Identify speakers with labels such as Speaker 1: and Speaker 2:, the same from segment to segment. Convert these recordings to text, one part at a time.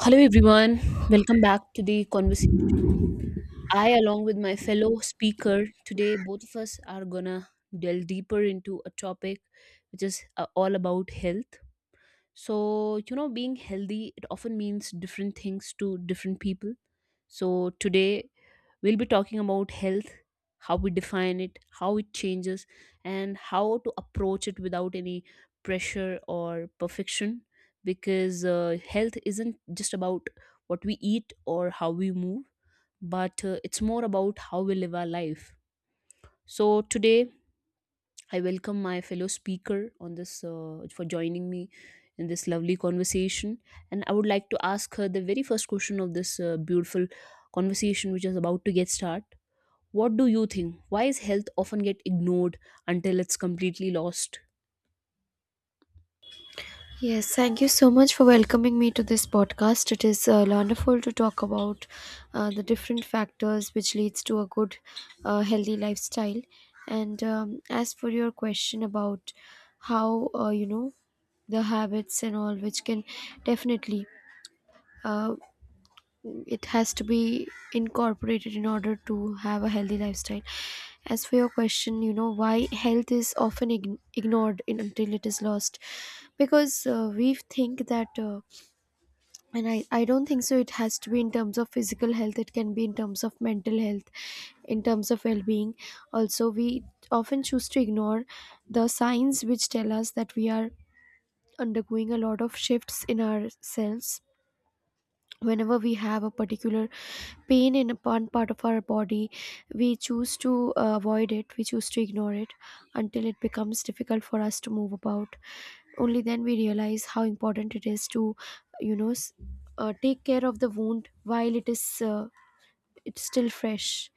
Speaker 1: Hello, everyone. Welcome back to the conversation. I, along with my fellow speaker today, both of us are gonna delve deeper into a topic which is all about health. So, you know, being healthy, it often means different things to different people. So, today we'll be talking about health, how we define it, how it changes, and how to approach it without any pressure or perfection. Because health isn't just about what we eat or how we move, but it's more about how we live our life. So, today I welcome my fellow speaker on this for joining me in this lovely conversation, and I would like to ask her the very first question of this beautiful conversation, which is about to get started. What do you think? Why is health often get ignored until it's completely lost?
Speaker 2: Yes, thank you so much for welcoming me to this podcast. It is wonderful to talk about the different factors which leads to a good, healthy lifestyle. And As for your question about how you know the habits and all, which can definitely. Uh, it has to be incorporated in order to have a healthy lifestyle, as for your question, you know, why health is often ignored in, until it is lost, because we think that and I don't think so. It has to be in terms of physical health, it can be in terms of mental health, in terms of well-being. Also, we often choose to ignore the signs which tell us that we are undergoing a lot of shifts in ourselves. Whenever we have a particular pain in a one part of our body, we choose to avoid it, we choose to ignore it until it becomes difficult for us to move about. Only then we realize how important it is to you know s- take care of the wound while it is it's still fresh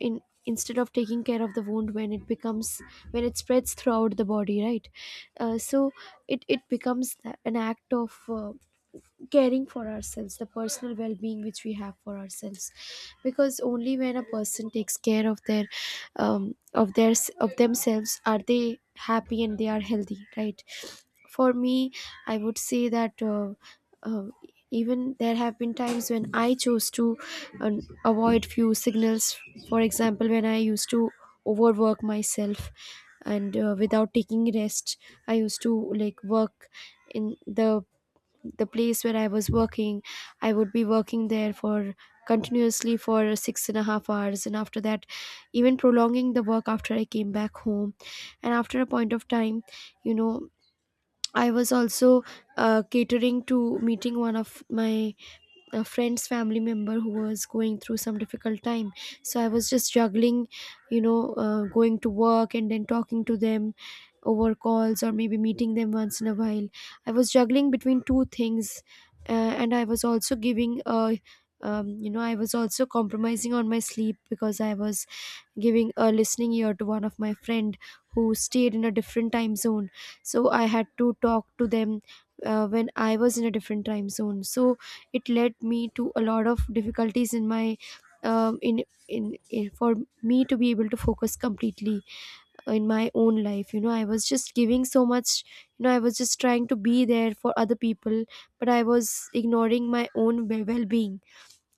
Speaker 2: in, instead of taking care of the wound when it becomes, when it spreads throughout the body, right? So it becomes an act of caring for ourselves, the personal well-being which we have for ourselves, because only when a person takes care of their of their, of themselves, are they happy and they are healthy, right? For me, I would say that uh, even there have been times when I chose to um, avoid few signals. For example, when I used to overwork myself and without taking rest, I used to like work in the place where I was working, I would be working there for continuously for 6.5 hours. And after that, even prolonging the work after I came back home. And after a point of time, you know, I was also catering to meeting one of my a friend's family member who was going through some difficult time. So I was just juggling, you know, going to work and then talking to them over calls or maybe meeting them once in a while. I was juggling between 2 things. And I was also giving a you know, I was also compromising on my sleep because I was giving a listening ear to one of my friend who stayed in a different time zone, so I had to talk to them when I was in a different time zone. So it led me to a lot of difficulties in my in for me to be able to focus completely in my own life. You know, I was just giving so much, you know, I was just trying to be there for other people, but I was ignoring my own well-being.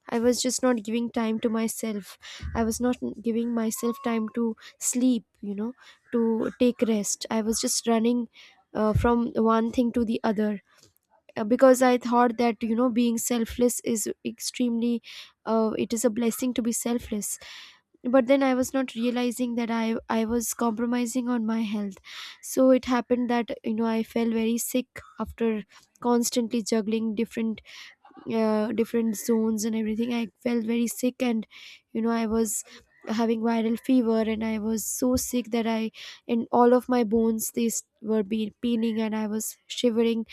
Speaker 2: I was just not giving time to myself. I was not giving myself time to sleep, you know, to take rest. I was just running from one thing to the other because I thought that, you know, being selfless is extremely it is a blessing to be selfless. But then I was not realizing that I was compromising on my health. So it happened that, you know, I fell very sick after constantly juggling different different zones and everything. I felt very sick and, you know, I was having viral fever and I was so sick that I, and all of my bones these were be paining and I was shivering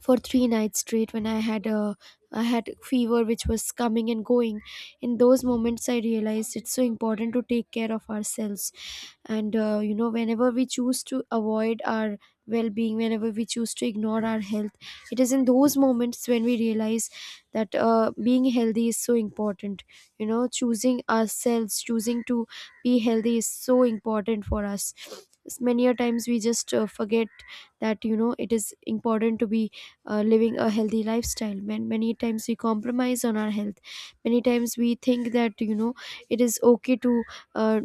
Speaker 2: for 3 nights straight when I had fever which was coming and going. In those moments, I realized it's so important to take care of ourselves. And you know, whenever we choose to avoid our well-being, whenever we choose to ignore our health, it is in those moments when we realize that being healthy is so important. You know, choosing ourselves, choosing to be healthy is so important for us. Many a times we just forget that, you know, it is important to be living a healthy lifestyle. Man, many times we compromise on our health, many times we think that, you know, it is okay to uh,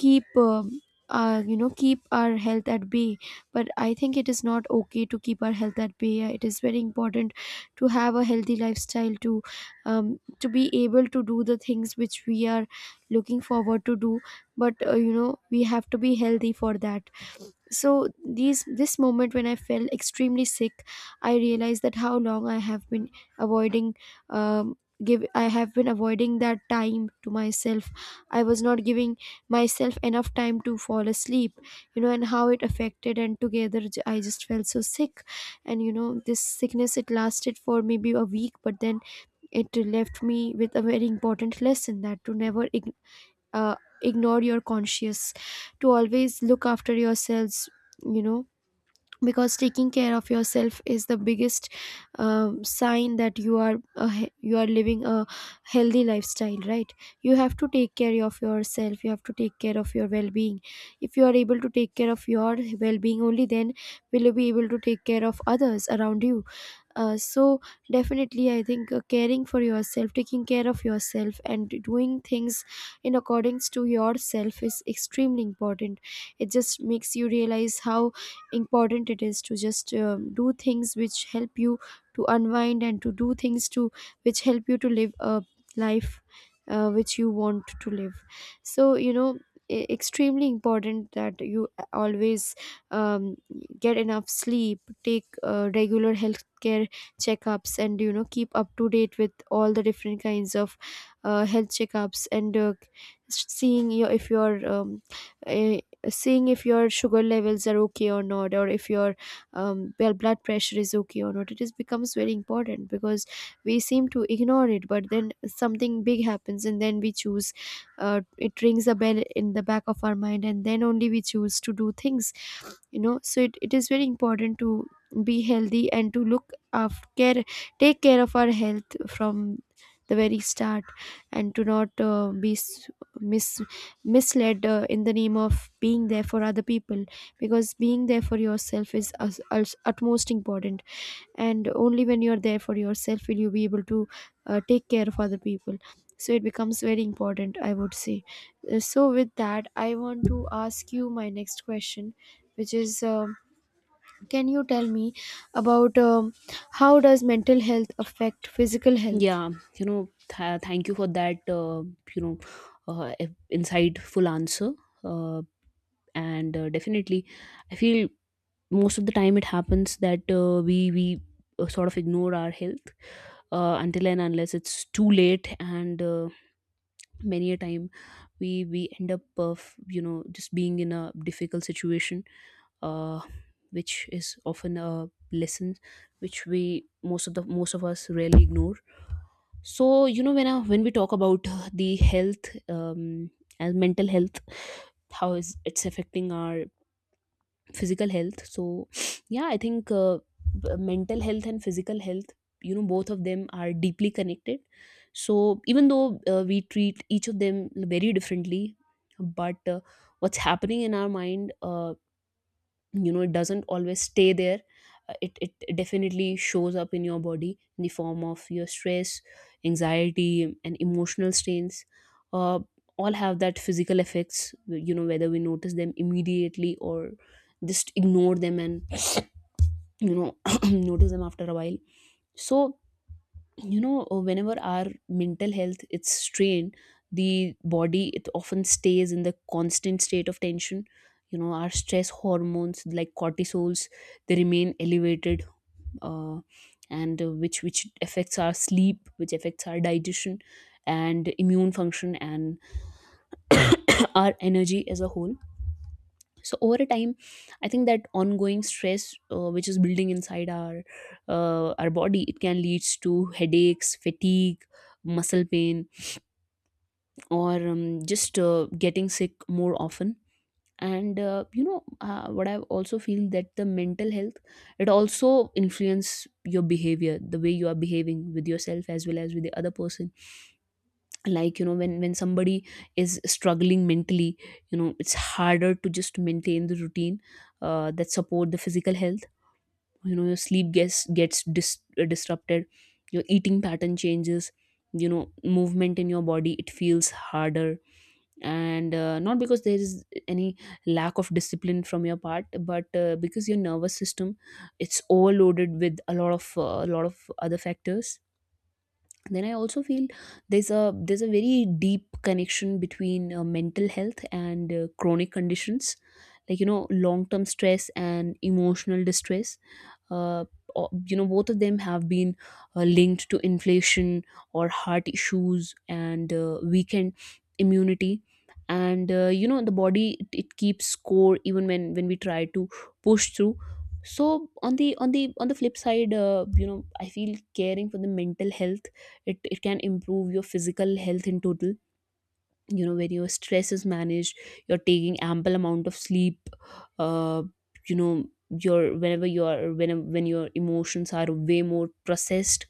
Speaker 2: keep you know, keep our health at bay. But I think it is not okay to keep our health at bay. It is very important to have a healthy lifestyle, to be able to do the things which we are looking forward to do. But you know, we have to be healthy for that. So these this moment when I felt extremely sick, I realized that how long I have been avoiding um, give I have been avoiding that time to myself. I was not giving myself enough time to fall asleep, you know, and how it affected. And together, I just felt so sick. And you know, this sickness it lasted for maybe a week, but then it left me with a very important lesson that to never uh, ignore your conscience, to always look after yourselves, you know, because taking care of yourself is the biggest sign that you are you are living a healthy lifestyle, right? You have to take care of yourself, you have to take care of your well-being. If you are able to take care of your well-being, only then will you be able to take care of others around you. So definitely I think caring for yourself, taking care of yourself, and doing things in accordance to yourself is extremely important. It just makes you realize how important it is to just do things which help you to unwind and to do things to which help you to live a life which you want to live. So, you know, extremely important that you always um, get enough sleep, take regular health care checkups, and you know, keep up to date with all the different kinds of health checkups and seeing your, if your uh, seeing if your sugar levels are okay or not, or if your blood pressure is okay or not. It is becomes very important because we seem to ignore it, but then something big happens and then we choose, it rings a bell in the back of our mind, and then only we choose to do things, you know. So it is very important to be healthy and to look after care, take care of our health from the very start, and to not mis- misled in the name of being there for other people, because being there for yourself is utmost important. And only when you are there for yourself will you be able to take care of other people. So it becomes very important, I would say. So with that, I want to ask you my next question, which is can you tell me about how does mental health affect physical health?
Speaker 1: Yeah, you know, thank you for that. You know, Insightful answer, uh, and definitely, I feel most of the time it happens that we sort of ignore our health until and unless it's too late, and many a time we end up of, you know, just being in a difficult situation, uh, which is often a lesson which we most of us really ignore. So you know, when I, when we talk about the health, as mental health, how is it's affecting our physical health? So yeah, I think mental health and physical health, you know, both of them are deeply connected. So even though we treat each of them very differently, but what's happening in our mind, you know, it doesn't always stay there. It definitely shows up in your body in the form of your stress, anxiety and emotional strains. uh, all have that physical effects, you know, whether we notice them immediately or just ignore them and, you know, notice them after a while. So you know, whenever our mental health it's strained, the body it often stays in the constant state of tension. You know, our stress hormones like cortisols, they remain elevated, uh, and which affects our sleep, which affects our digestion and immune function and our energy as a whole. So over a time, I think that ongoing stress, which is building inside our body, it can leads to headaches, fatigue, muscle pain, or just getting sick more often. And what I also feel that the mental health, it also influence your behavior, the way you are behaving with yourself as well as with the other person. Like you know, when somebody is struggling mentally, you know, it's harder to just maintain the routine that support the physical health. You know, your sleep gets disrupted, your eating pattern changes, you know, movement in your body, it feels harder, and not because there is any lack of discipline from your part, but because your nervous system, it's overloaded with a lot of other factors. Then I also feel there's a very deep connection between mental health and chronic conditions, like you know, long term stress and emotional distress, uh, you know, both of them have been linked to inflation or heart issues and weakened immunity. And you know, the body it keeps score even when we try to push through. So on the flip side, you know, I feel caring for the mental health, it can improve your physical health in total. You know, when your stress is managed, you're taking ample amount of sleep, uh, you know your whenever you are when your emotions are way more processed,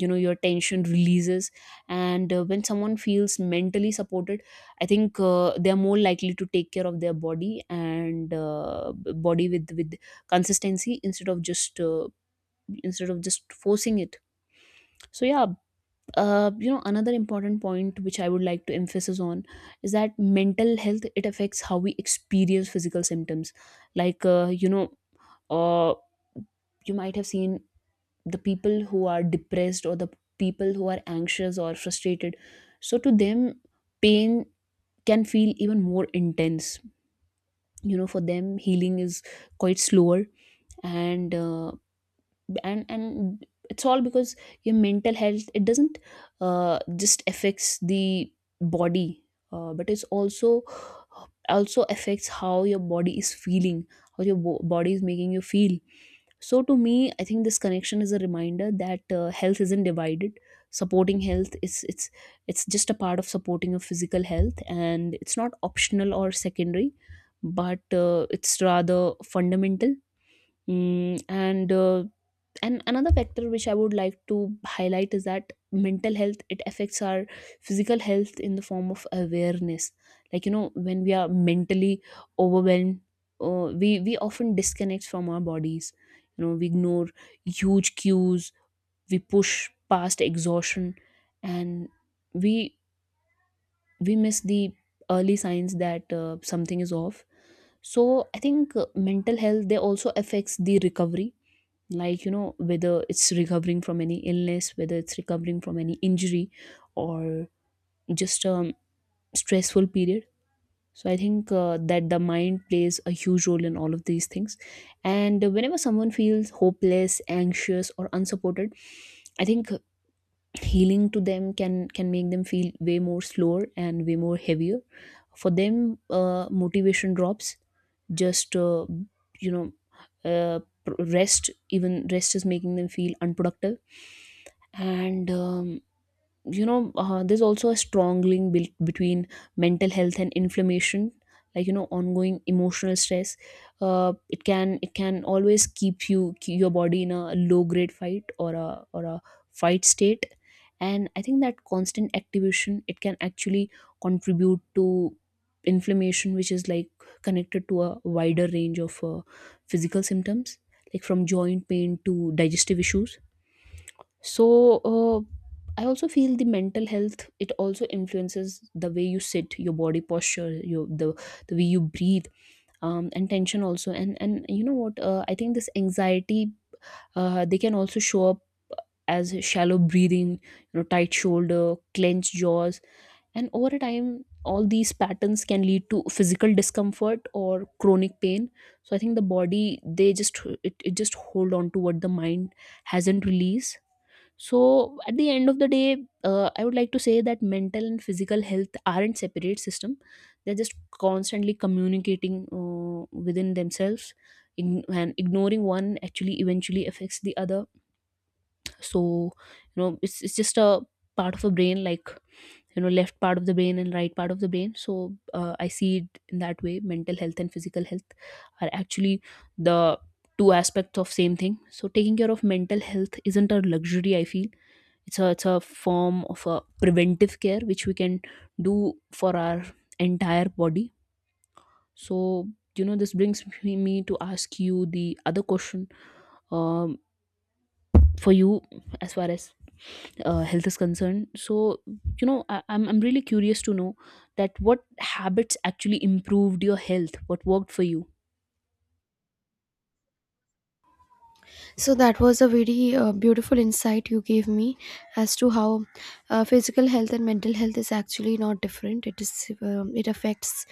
Speaker 1: you know your tension releases. And when someone feels mentally supported, I think they are more likely to take care of their body and body with consistency, instead of just forcing it. So yeah, you know, another important point which I would like to emphasize on is that mental health, it affects how we experience physical symptoms. Like uh, you might have seen the people who are depressed or the people who are anxious or frustrated. So to them, pain can feel even more intense. You know, for them healing is quite slower. And it's all because your mental health, it doesn't just affects the body, but it's also affects how your body is feeling, how your body is making you feel. So to me, I think this connection is a reminder that health isn't divided. Supporting health is, it's just a part of supporting your physical health, and it's not optional or secondary, but it's rather fundamental. Mm, and another factor which I would like to highlight is that mental health, it affects our physical health in the form of awareness. Like you know, when we are mentally overwhelmed, we often disconnect from our bodies. You know, we ignore huge cues, we push past exhaustion, and we we miss the early signs that something is off. So I think mental health, they also affects the recovery. Like you know, whether it's recovering from any illness, whether it's recovering from any injury or just a stressful period. So I think that the mind plays a huge role in all of these things. And whenever someone feels hopeless, anxious or unsupported, I think healing to them can make them feel way more slower and way more heavier. For them motivation drops, just you know uh, pr- rest, even rest is making them feel unproductive. And there's also a strong link built between mental health and inflammation. Like you know, ongoing emotional stress, it can always keep your body in a low grade fight or a fight state. And I think that constant activation, it can actually contribute to inflammation, which is like connected to a wider range of physical symptoms, like from joint pain to digestive issues. So I also feel the mental health, it also influences the way you sit, your body posture, the way you breathe, and tension also. And you know what, I think this anxiety, they can also show up as shallow breathing, you know, tight shoulder, clenched jaws. And over a time, all these patterns can lead to physical discomfort or chronic pain. So I think the body, they just it just hold on to what the mind hasn't released. So at the end of the day, I would like to say that mental and physical health aren't separate system. They're just constantly communicating within themselves. And ignoring one actually eventually affects the other. So you know, it's just a part of a brain, like you know, left part of the brain and right part of the brain. So I see it in that way: mental health and physical health are actually the two aspects of same thing. So taking care of mental health isn't a luxury, I feel. It's a, it's a form of a preventive care which we can do for our entire body. So you know, this brings me to ask you the other question, um for you, as far as health is concerned. So you know, I, I'm really curious to know that what habits actually improved your health, what worked for you?
Speaker 2: So that was a very beautiful insight you gave me as to how physical health and mental health is actually not different. It is it affects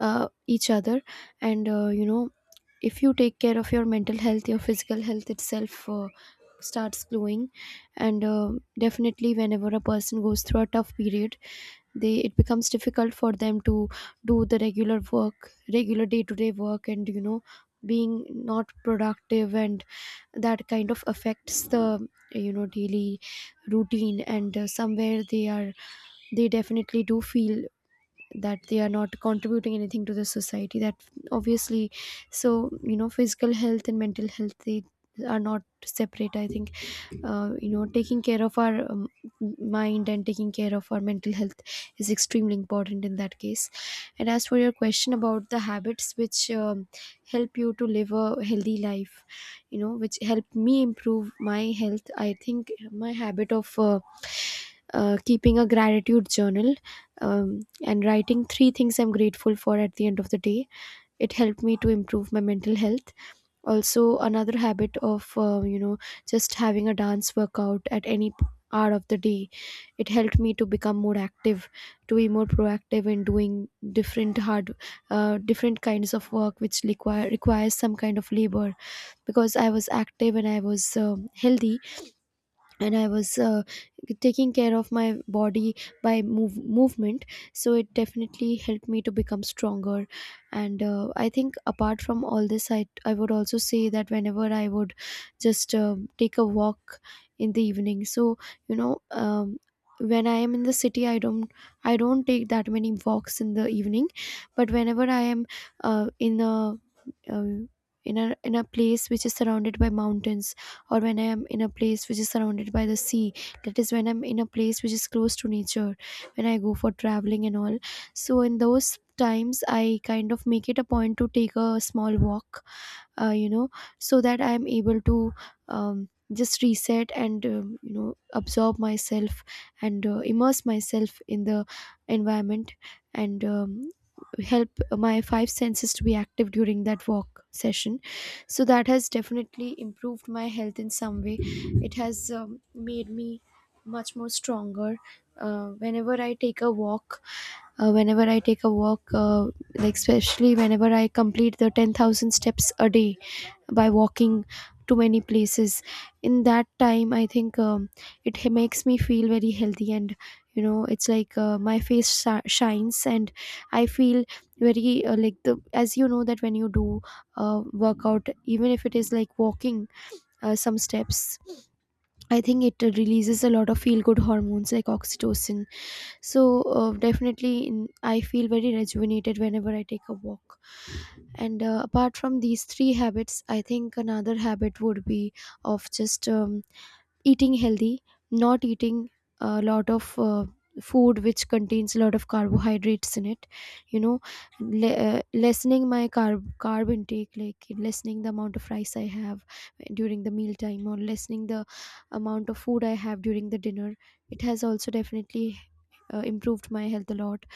Speaker 2: each other. And you know, if you take care of your mental health, your physical health itself starts glowing. And definitely whenever a person goes through a tough period, they, it becomes difficult for them to do the regular work, regular day to day work, and you know, being not productive, and that kind of affects the, you know, daily routine. And somewhere they are, they definitely do feel that they are not contributing anything to the society, that obviously. So you know, physical health and mental health, they are not separate, I think. You know, taking care of our mind and taking care of our mental health is extremely important in that case. And as for your question about the habits which help you to live a healthy life, you know, which help me improve my health, I think my habit of keeping a gratitude journal, and writing 3 things I'm grateful for at the end of the day. It helped me to improve my mental health. Also, another habit of, you know, just having a dance workout at any hour of the day. It helped me to become more active, to be more proactive in doing different hard, different kinds of work which requires some kind of labor because I was active and I was healthy, and I was taking care of my body by movement. So it definitely helped me to become stronger. And I think apart from all this, I would also say that whenever I would just take a walk in the evening. So you know um, when I am in the city, I don't take that many walks in the evening, but whenever i am uh, in a uh, in a in a place which is surrounded by mountains, or when I am in a place which is surrounded by the sea. That is, when I'm in a place which is close to nature, when I go for traveling and all. So in those times I kind of make it a point to take a small walk, uh, you know so that I am able to just reset and, absorb myself and immerse myself in the environment, and help my five senses to be active during that walk session. So that has definitely improved my health in some way. It has made me much more stronger. uh, whenever i take a walk Whenever I take a walk, like especially whenever I complete the 10,000 steps a day by walking to many places, in that time I think makes me feel very healthy, and you know, it's like my face shines, and I feel very like, the as you know, that when you do workout, even if it is like walking some steps, I think it releases a lot of feel good hormones like oxytocin. So, definitely, I feel very rejuvenated whenever I take a walk. And apart from these three habits, I think another habit would be of just eating healthy, not eating a lot of food which contains a lot of carbohydrates in it. You know, lessening my carb intake, like lessening the amount of rice I have during the meal time, or lessening the amount of food I have during the dinner. It has also definitely improved my health a lot.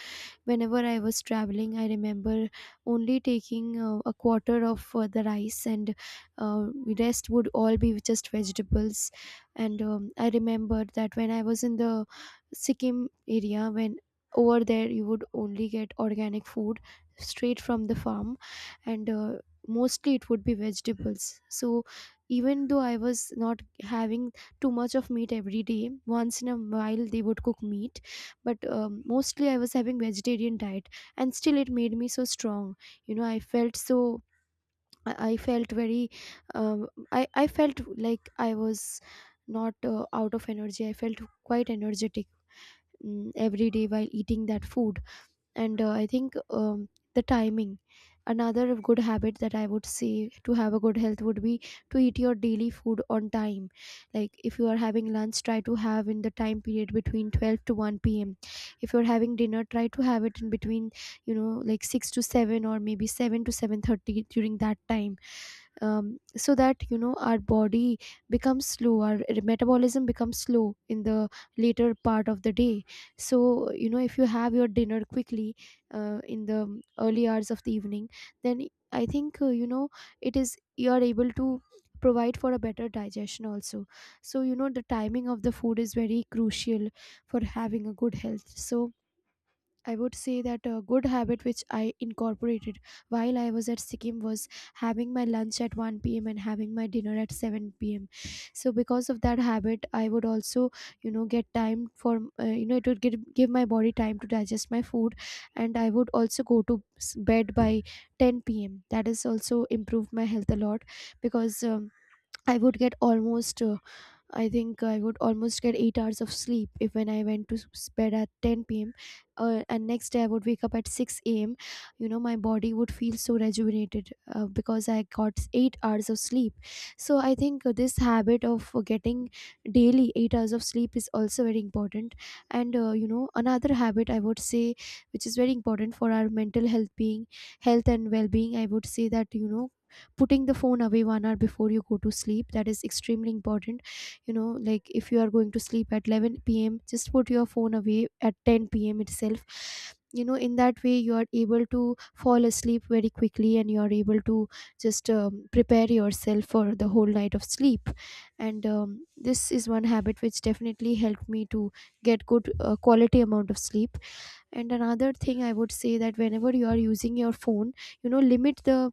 Speaker 2: Whenever I was traveling, I remember only taking a quarter of the rice, and uh, rest would all be just vegetables. And I remember that when I was in the Sikkim area, when over there you would only get organic food straight from the farm, and mostly it would be vegetables. So even though I was not having too much of meat every day, once in a while they would cook meat, but mostly I was having vegetarian diet, and still it made me so strong. You know, I felt so, I felt very, um, I felt like I was not out of energy. I felt quite energetic, every day while eating that food. And I think, the timing, another good habit that I would say to have a good health would be to eat your daily food on time. Like if you are having lunch, try to have in the time period between 12 to 1 p.m. If you're having dinner, try to have it in between, you know, like 6 to 7, or maybe 7 to 7:30 during that time, so that, you know, our body becomes slow, our metabolism becomes slow in the later part of the day. So you know, if you have your dinner quickly in the early hours of the evening, then I think, it is you are able to provide for a better digestion also. So you know, the timing of the food is very crucial for having a good health. So I would say that a good habit which I incorporated while I was at Sikkim was having my lunch at 1 p.m. and having my dinner at 7 p.m. So because of that habit, I would also, you know, get time for, it would give my body time to digest my food, and I would also go to bed by 10 p.m. That has also improved my health a lot because. I would get almost I think I would almost get 8 hours of sleep if when I went to bed at 10 p.m. And next day I would wake up at 6 a.m. You know, my body would feel so rejuvenated because I got 8 hours of sleep. So I think this habit of getting daily 8 hours of sleep is also very important. And another habit I would say, which is very important for our mental health being, health and well-being, I would say that, you know, putting the phone away one hour before you go to sleep, that is extremely important. You know, like if you are going to sleep at 11 p.m., just put your phone away at 10 p.m. itself. You know, in that way you are able to fall asleep very quickly, and you are able to just prepare yourself for the whole night of sleep. And this is one habit which definitely helped me to get good quality amount of sleep. And another thing I would say, that whenever you are using your phone, you know,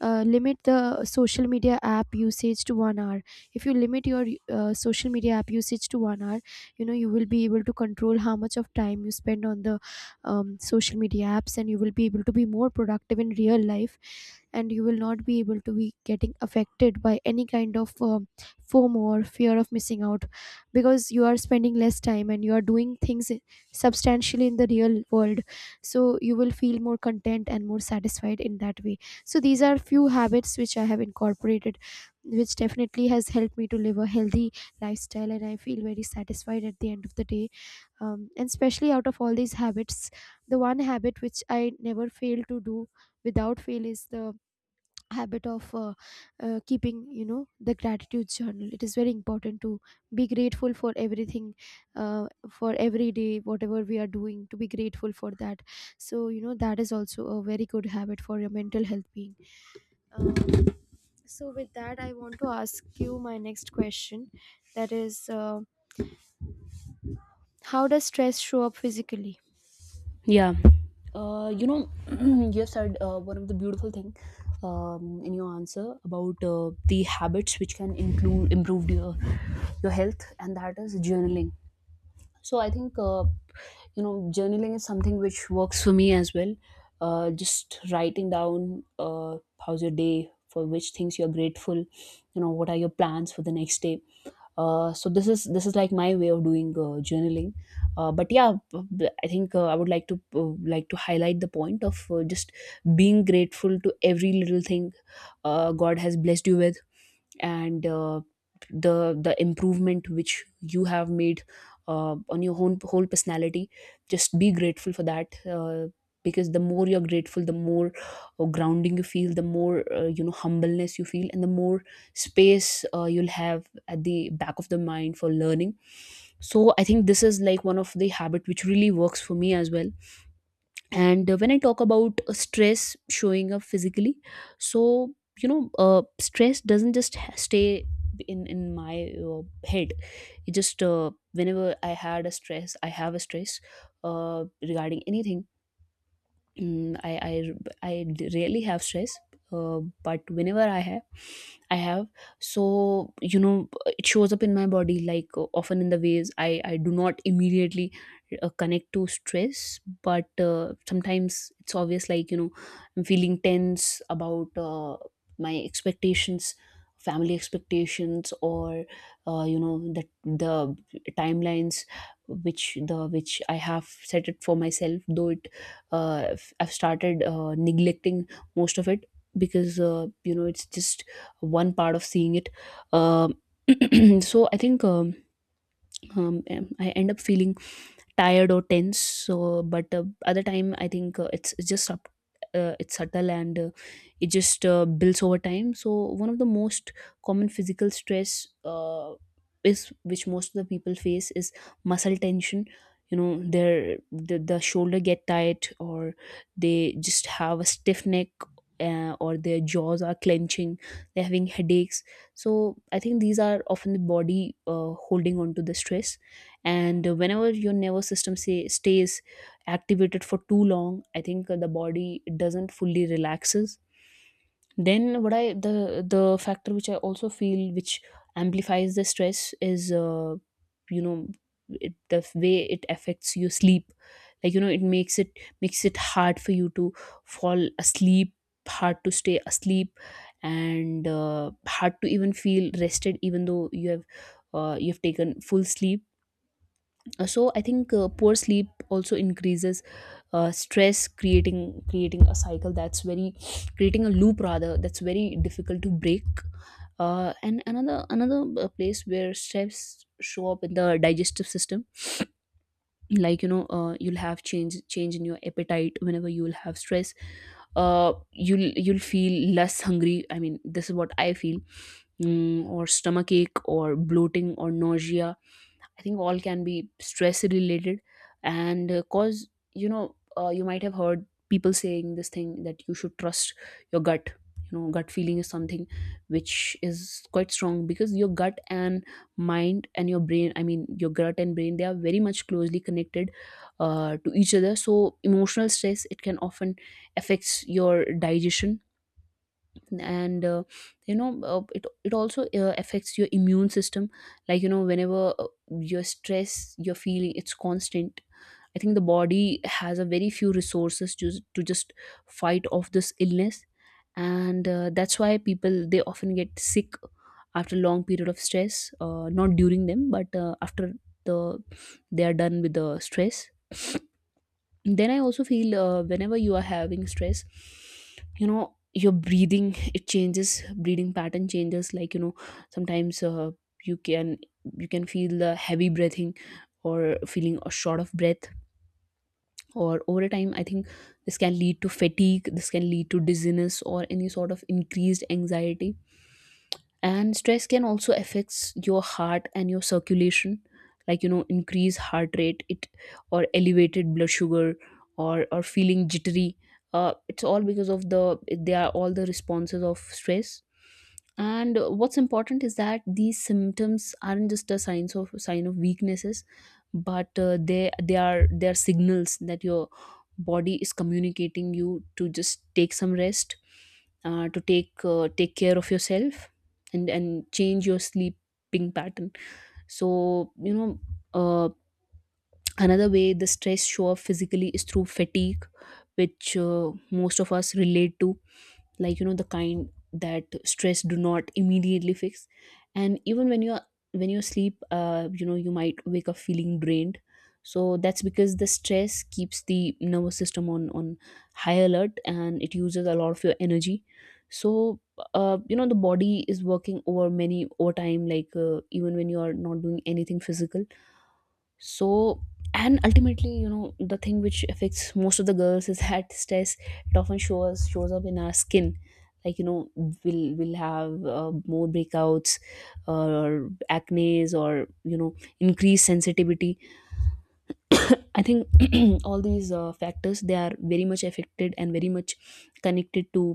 Speaker 2: limit the social media app usage to one hour. If you limit your social media app usage to one hour, you know, you will be able to control how much of time you spend on the social media apps, and you will be able to be more productive in real life, and you will not be able to be getting affected by any kind of fomo, or fear of missing out, because you are spending less time and you are doing things substantially in the real world. So you will feel more content and more satisfied in that way. So these are few habits which I have incorporated, which definitely has helped me to live a healthy lifestyle, and I feel very satisfied at the end of the day. And especially out of all these habits, the one habit which I never fail to do without fail is the habit of keeping, you know, the gratitude journal. It is very important to be grateful for everything, for every day whatever we are doing, to be grateful for that. So you know, that is also a very good habit for your mental health being. um, so with that, I want to ask you my next question. That is, how does stress show up physically?
Speaker 1: Yeah, you know, you have said one of the beautiful thing, in your answer about the habits which can include improve your health, and that is journaling. So I think you know, journaling is something which works for me as well. Just writing down how's your day, for which things you're grateful, you know, what are your plans for the next day. So this is like my way of doing journaling. But yeah, I think I would like to highlight the point of, just being grateful to every little thing God has blessed you with, and the improvement which you have made on your own whole personality. Just be grateful for that, because the more you're grateful, the more grounding you feel, the more you know, humbleness you feel, and the more space you'll have at the back of the mind for learning. So I think this is like one of the habit which really works for me as well. And when I talk about Stress showing up physically. so Stress doesn't just stay in my head. It just whenever I had a stress I have a stress uh, regarding anything. Mm, I I rarely have stress, but whenever I have, I have. So it shows up in my body, like often in the ways I do not immediately connect to stress, but sometimes it's obvious, like I'm feeling tense about my expectations, family expectations, or the timelines which I have set it for myself, though it I've started neglecting most of it, because it's just one part of seeing it. Um so I think I end up feeling tired or tense. So, but other time, I think it's just up. It's subtle and it just builds over time. So one of the most common physical stress is which most of the people face is muscle tension. You know, the shoulder get tight, or they just have a stiff neck, or their jaws are clenching. They're having headaches, so I think these are often the body holding on to the stress. And whenever your nervous system stays activated for too long, I think the body doesn't fully relaxes. Then what I the factor which I also feel, which amplifies the stress, is you know the way it affects your sleep. It makes it hard for you to fall asleep, hard to stay asleep, and hard to even feel rested even though you've taken full sleep. So I think poor sleep also increases stress, creating a cycle that's very creating a loop rather, that's very difficult to break. And another place where stress show up in the digestive system. You'll have change in your appetite whenever you'll have stress. You'll feel less hungry, I mean this is what I feel. Or stomach ache or bloating or nausea, I think all can be stress related. And cause you know you might have heard people saying this thing that you should trust your gut. You know, gut feeling is something which is quite strong, because your gut and mind and your brain, I mean your gut and brain, they are very much closely connected to each other. So emotional stress, it can often affects your digestion. And it also affects your immune system. Whenever your stress you're feeling, it's constant, I think the body has a very few resources just to just fight off this illness. And that's why people, they often get sick after a long period of stress, not during them, but after the they are done with the stress. Then I also feel, whenever you are having stress, you know your breathing, it changes. Breathing pattern changes, like you know sometimes you can you can feel the heavy breathing, or feeling a short of breath. Or over time, I think this can lead to fatigue, this can lead to dizziness, or any sort of increased anxiety. And stress can also affects your heart and your circulation. Like you know, increased heart rate, it or elevated blood sugar, or feeling jittery. It's all because of the, they are all the responses of stress. And what's important is that these symptoms aren't just a signs of sign of weaknesses, but they are signals that your body is communicating you to just take some rest, to take care of yourself, and change your sleeping pattern. so you know uh, Another way the stress show up physically is through fatigue, which most of us relate to. Like you know, the kind that stress do not immediately fix. And even when you're when you sleep, you might wake up feeling drained. So that's because the stress keeps the nervous system on high alert, and it uses a lot of your energy. So the body is working over time, like even when you are not doing anything physical. so and ultimately, you know, the thing which affects most of the girls is that stress, it often shows up in our skin. Like you know, we'll have more breakouts, or acnes, or you know, increased sensitivity. I think all these factors, they are very much affected and very much connected to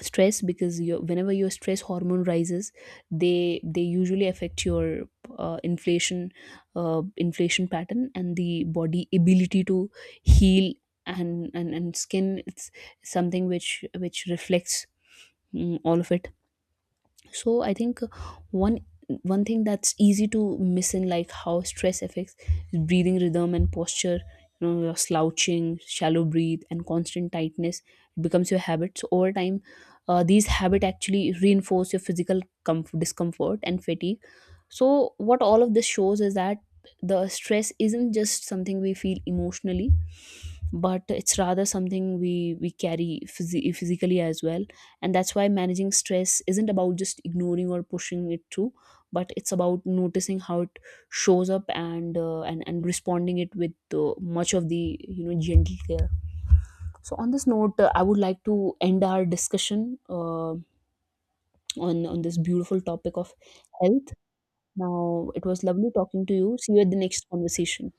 Speaker 1: stress. Because your Whenever your stress hormone rises, they usually affect your inflation, inflation pattern, and the body ability to heal. And skin, it's something which reflects, all of it. So I think one one thing that's easy to miss in like how stress affects, is breathing rhythm and posture. You know, your slouching, shallow breathe, and constant tightness becomes your habit. So over time, these habit actually reinforce your physical discomfort and fatigue. So what all of this shows is that the stress isn't just something we feel emotionally, but it's rather something we carry physically as well. And that's why managing stress isn't about just ignoring or pushing it through, but it's about noticing how it shows up, and and responding it with much of the, you know, gentle care. So on this note, I would like to end our discussion uh, on this beautiful topic of health. Now, it was lovely talking to you. See you at the next conversation.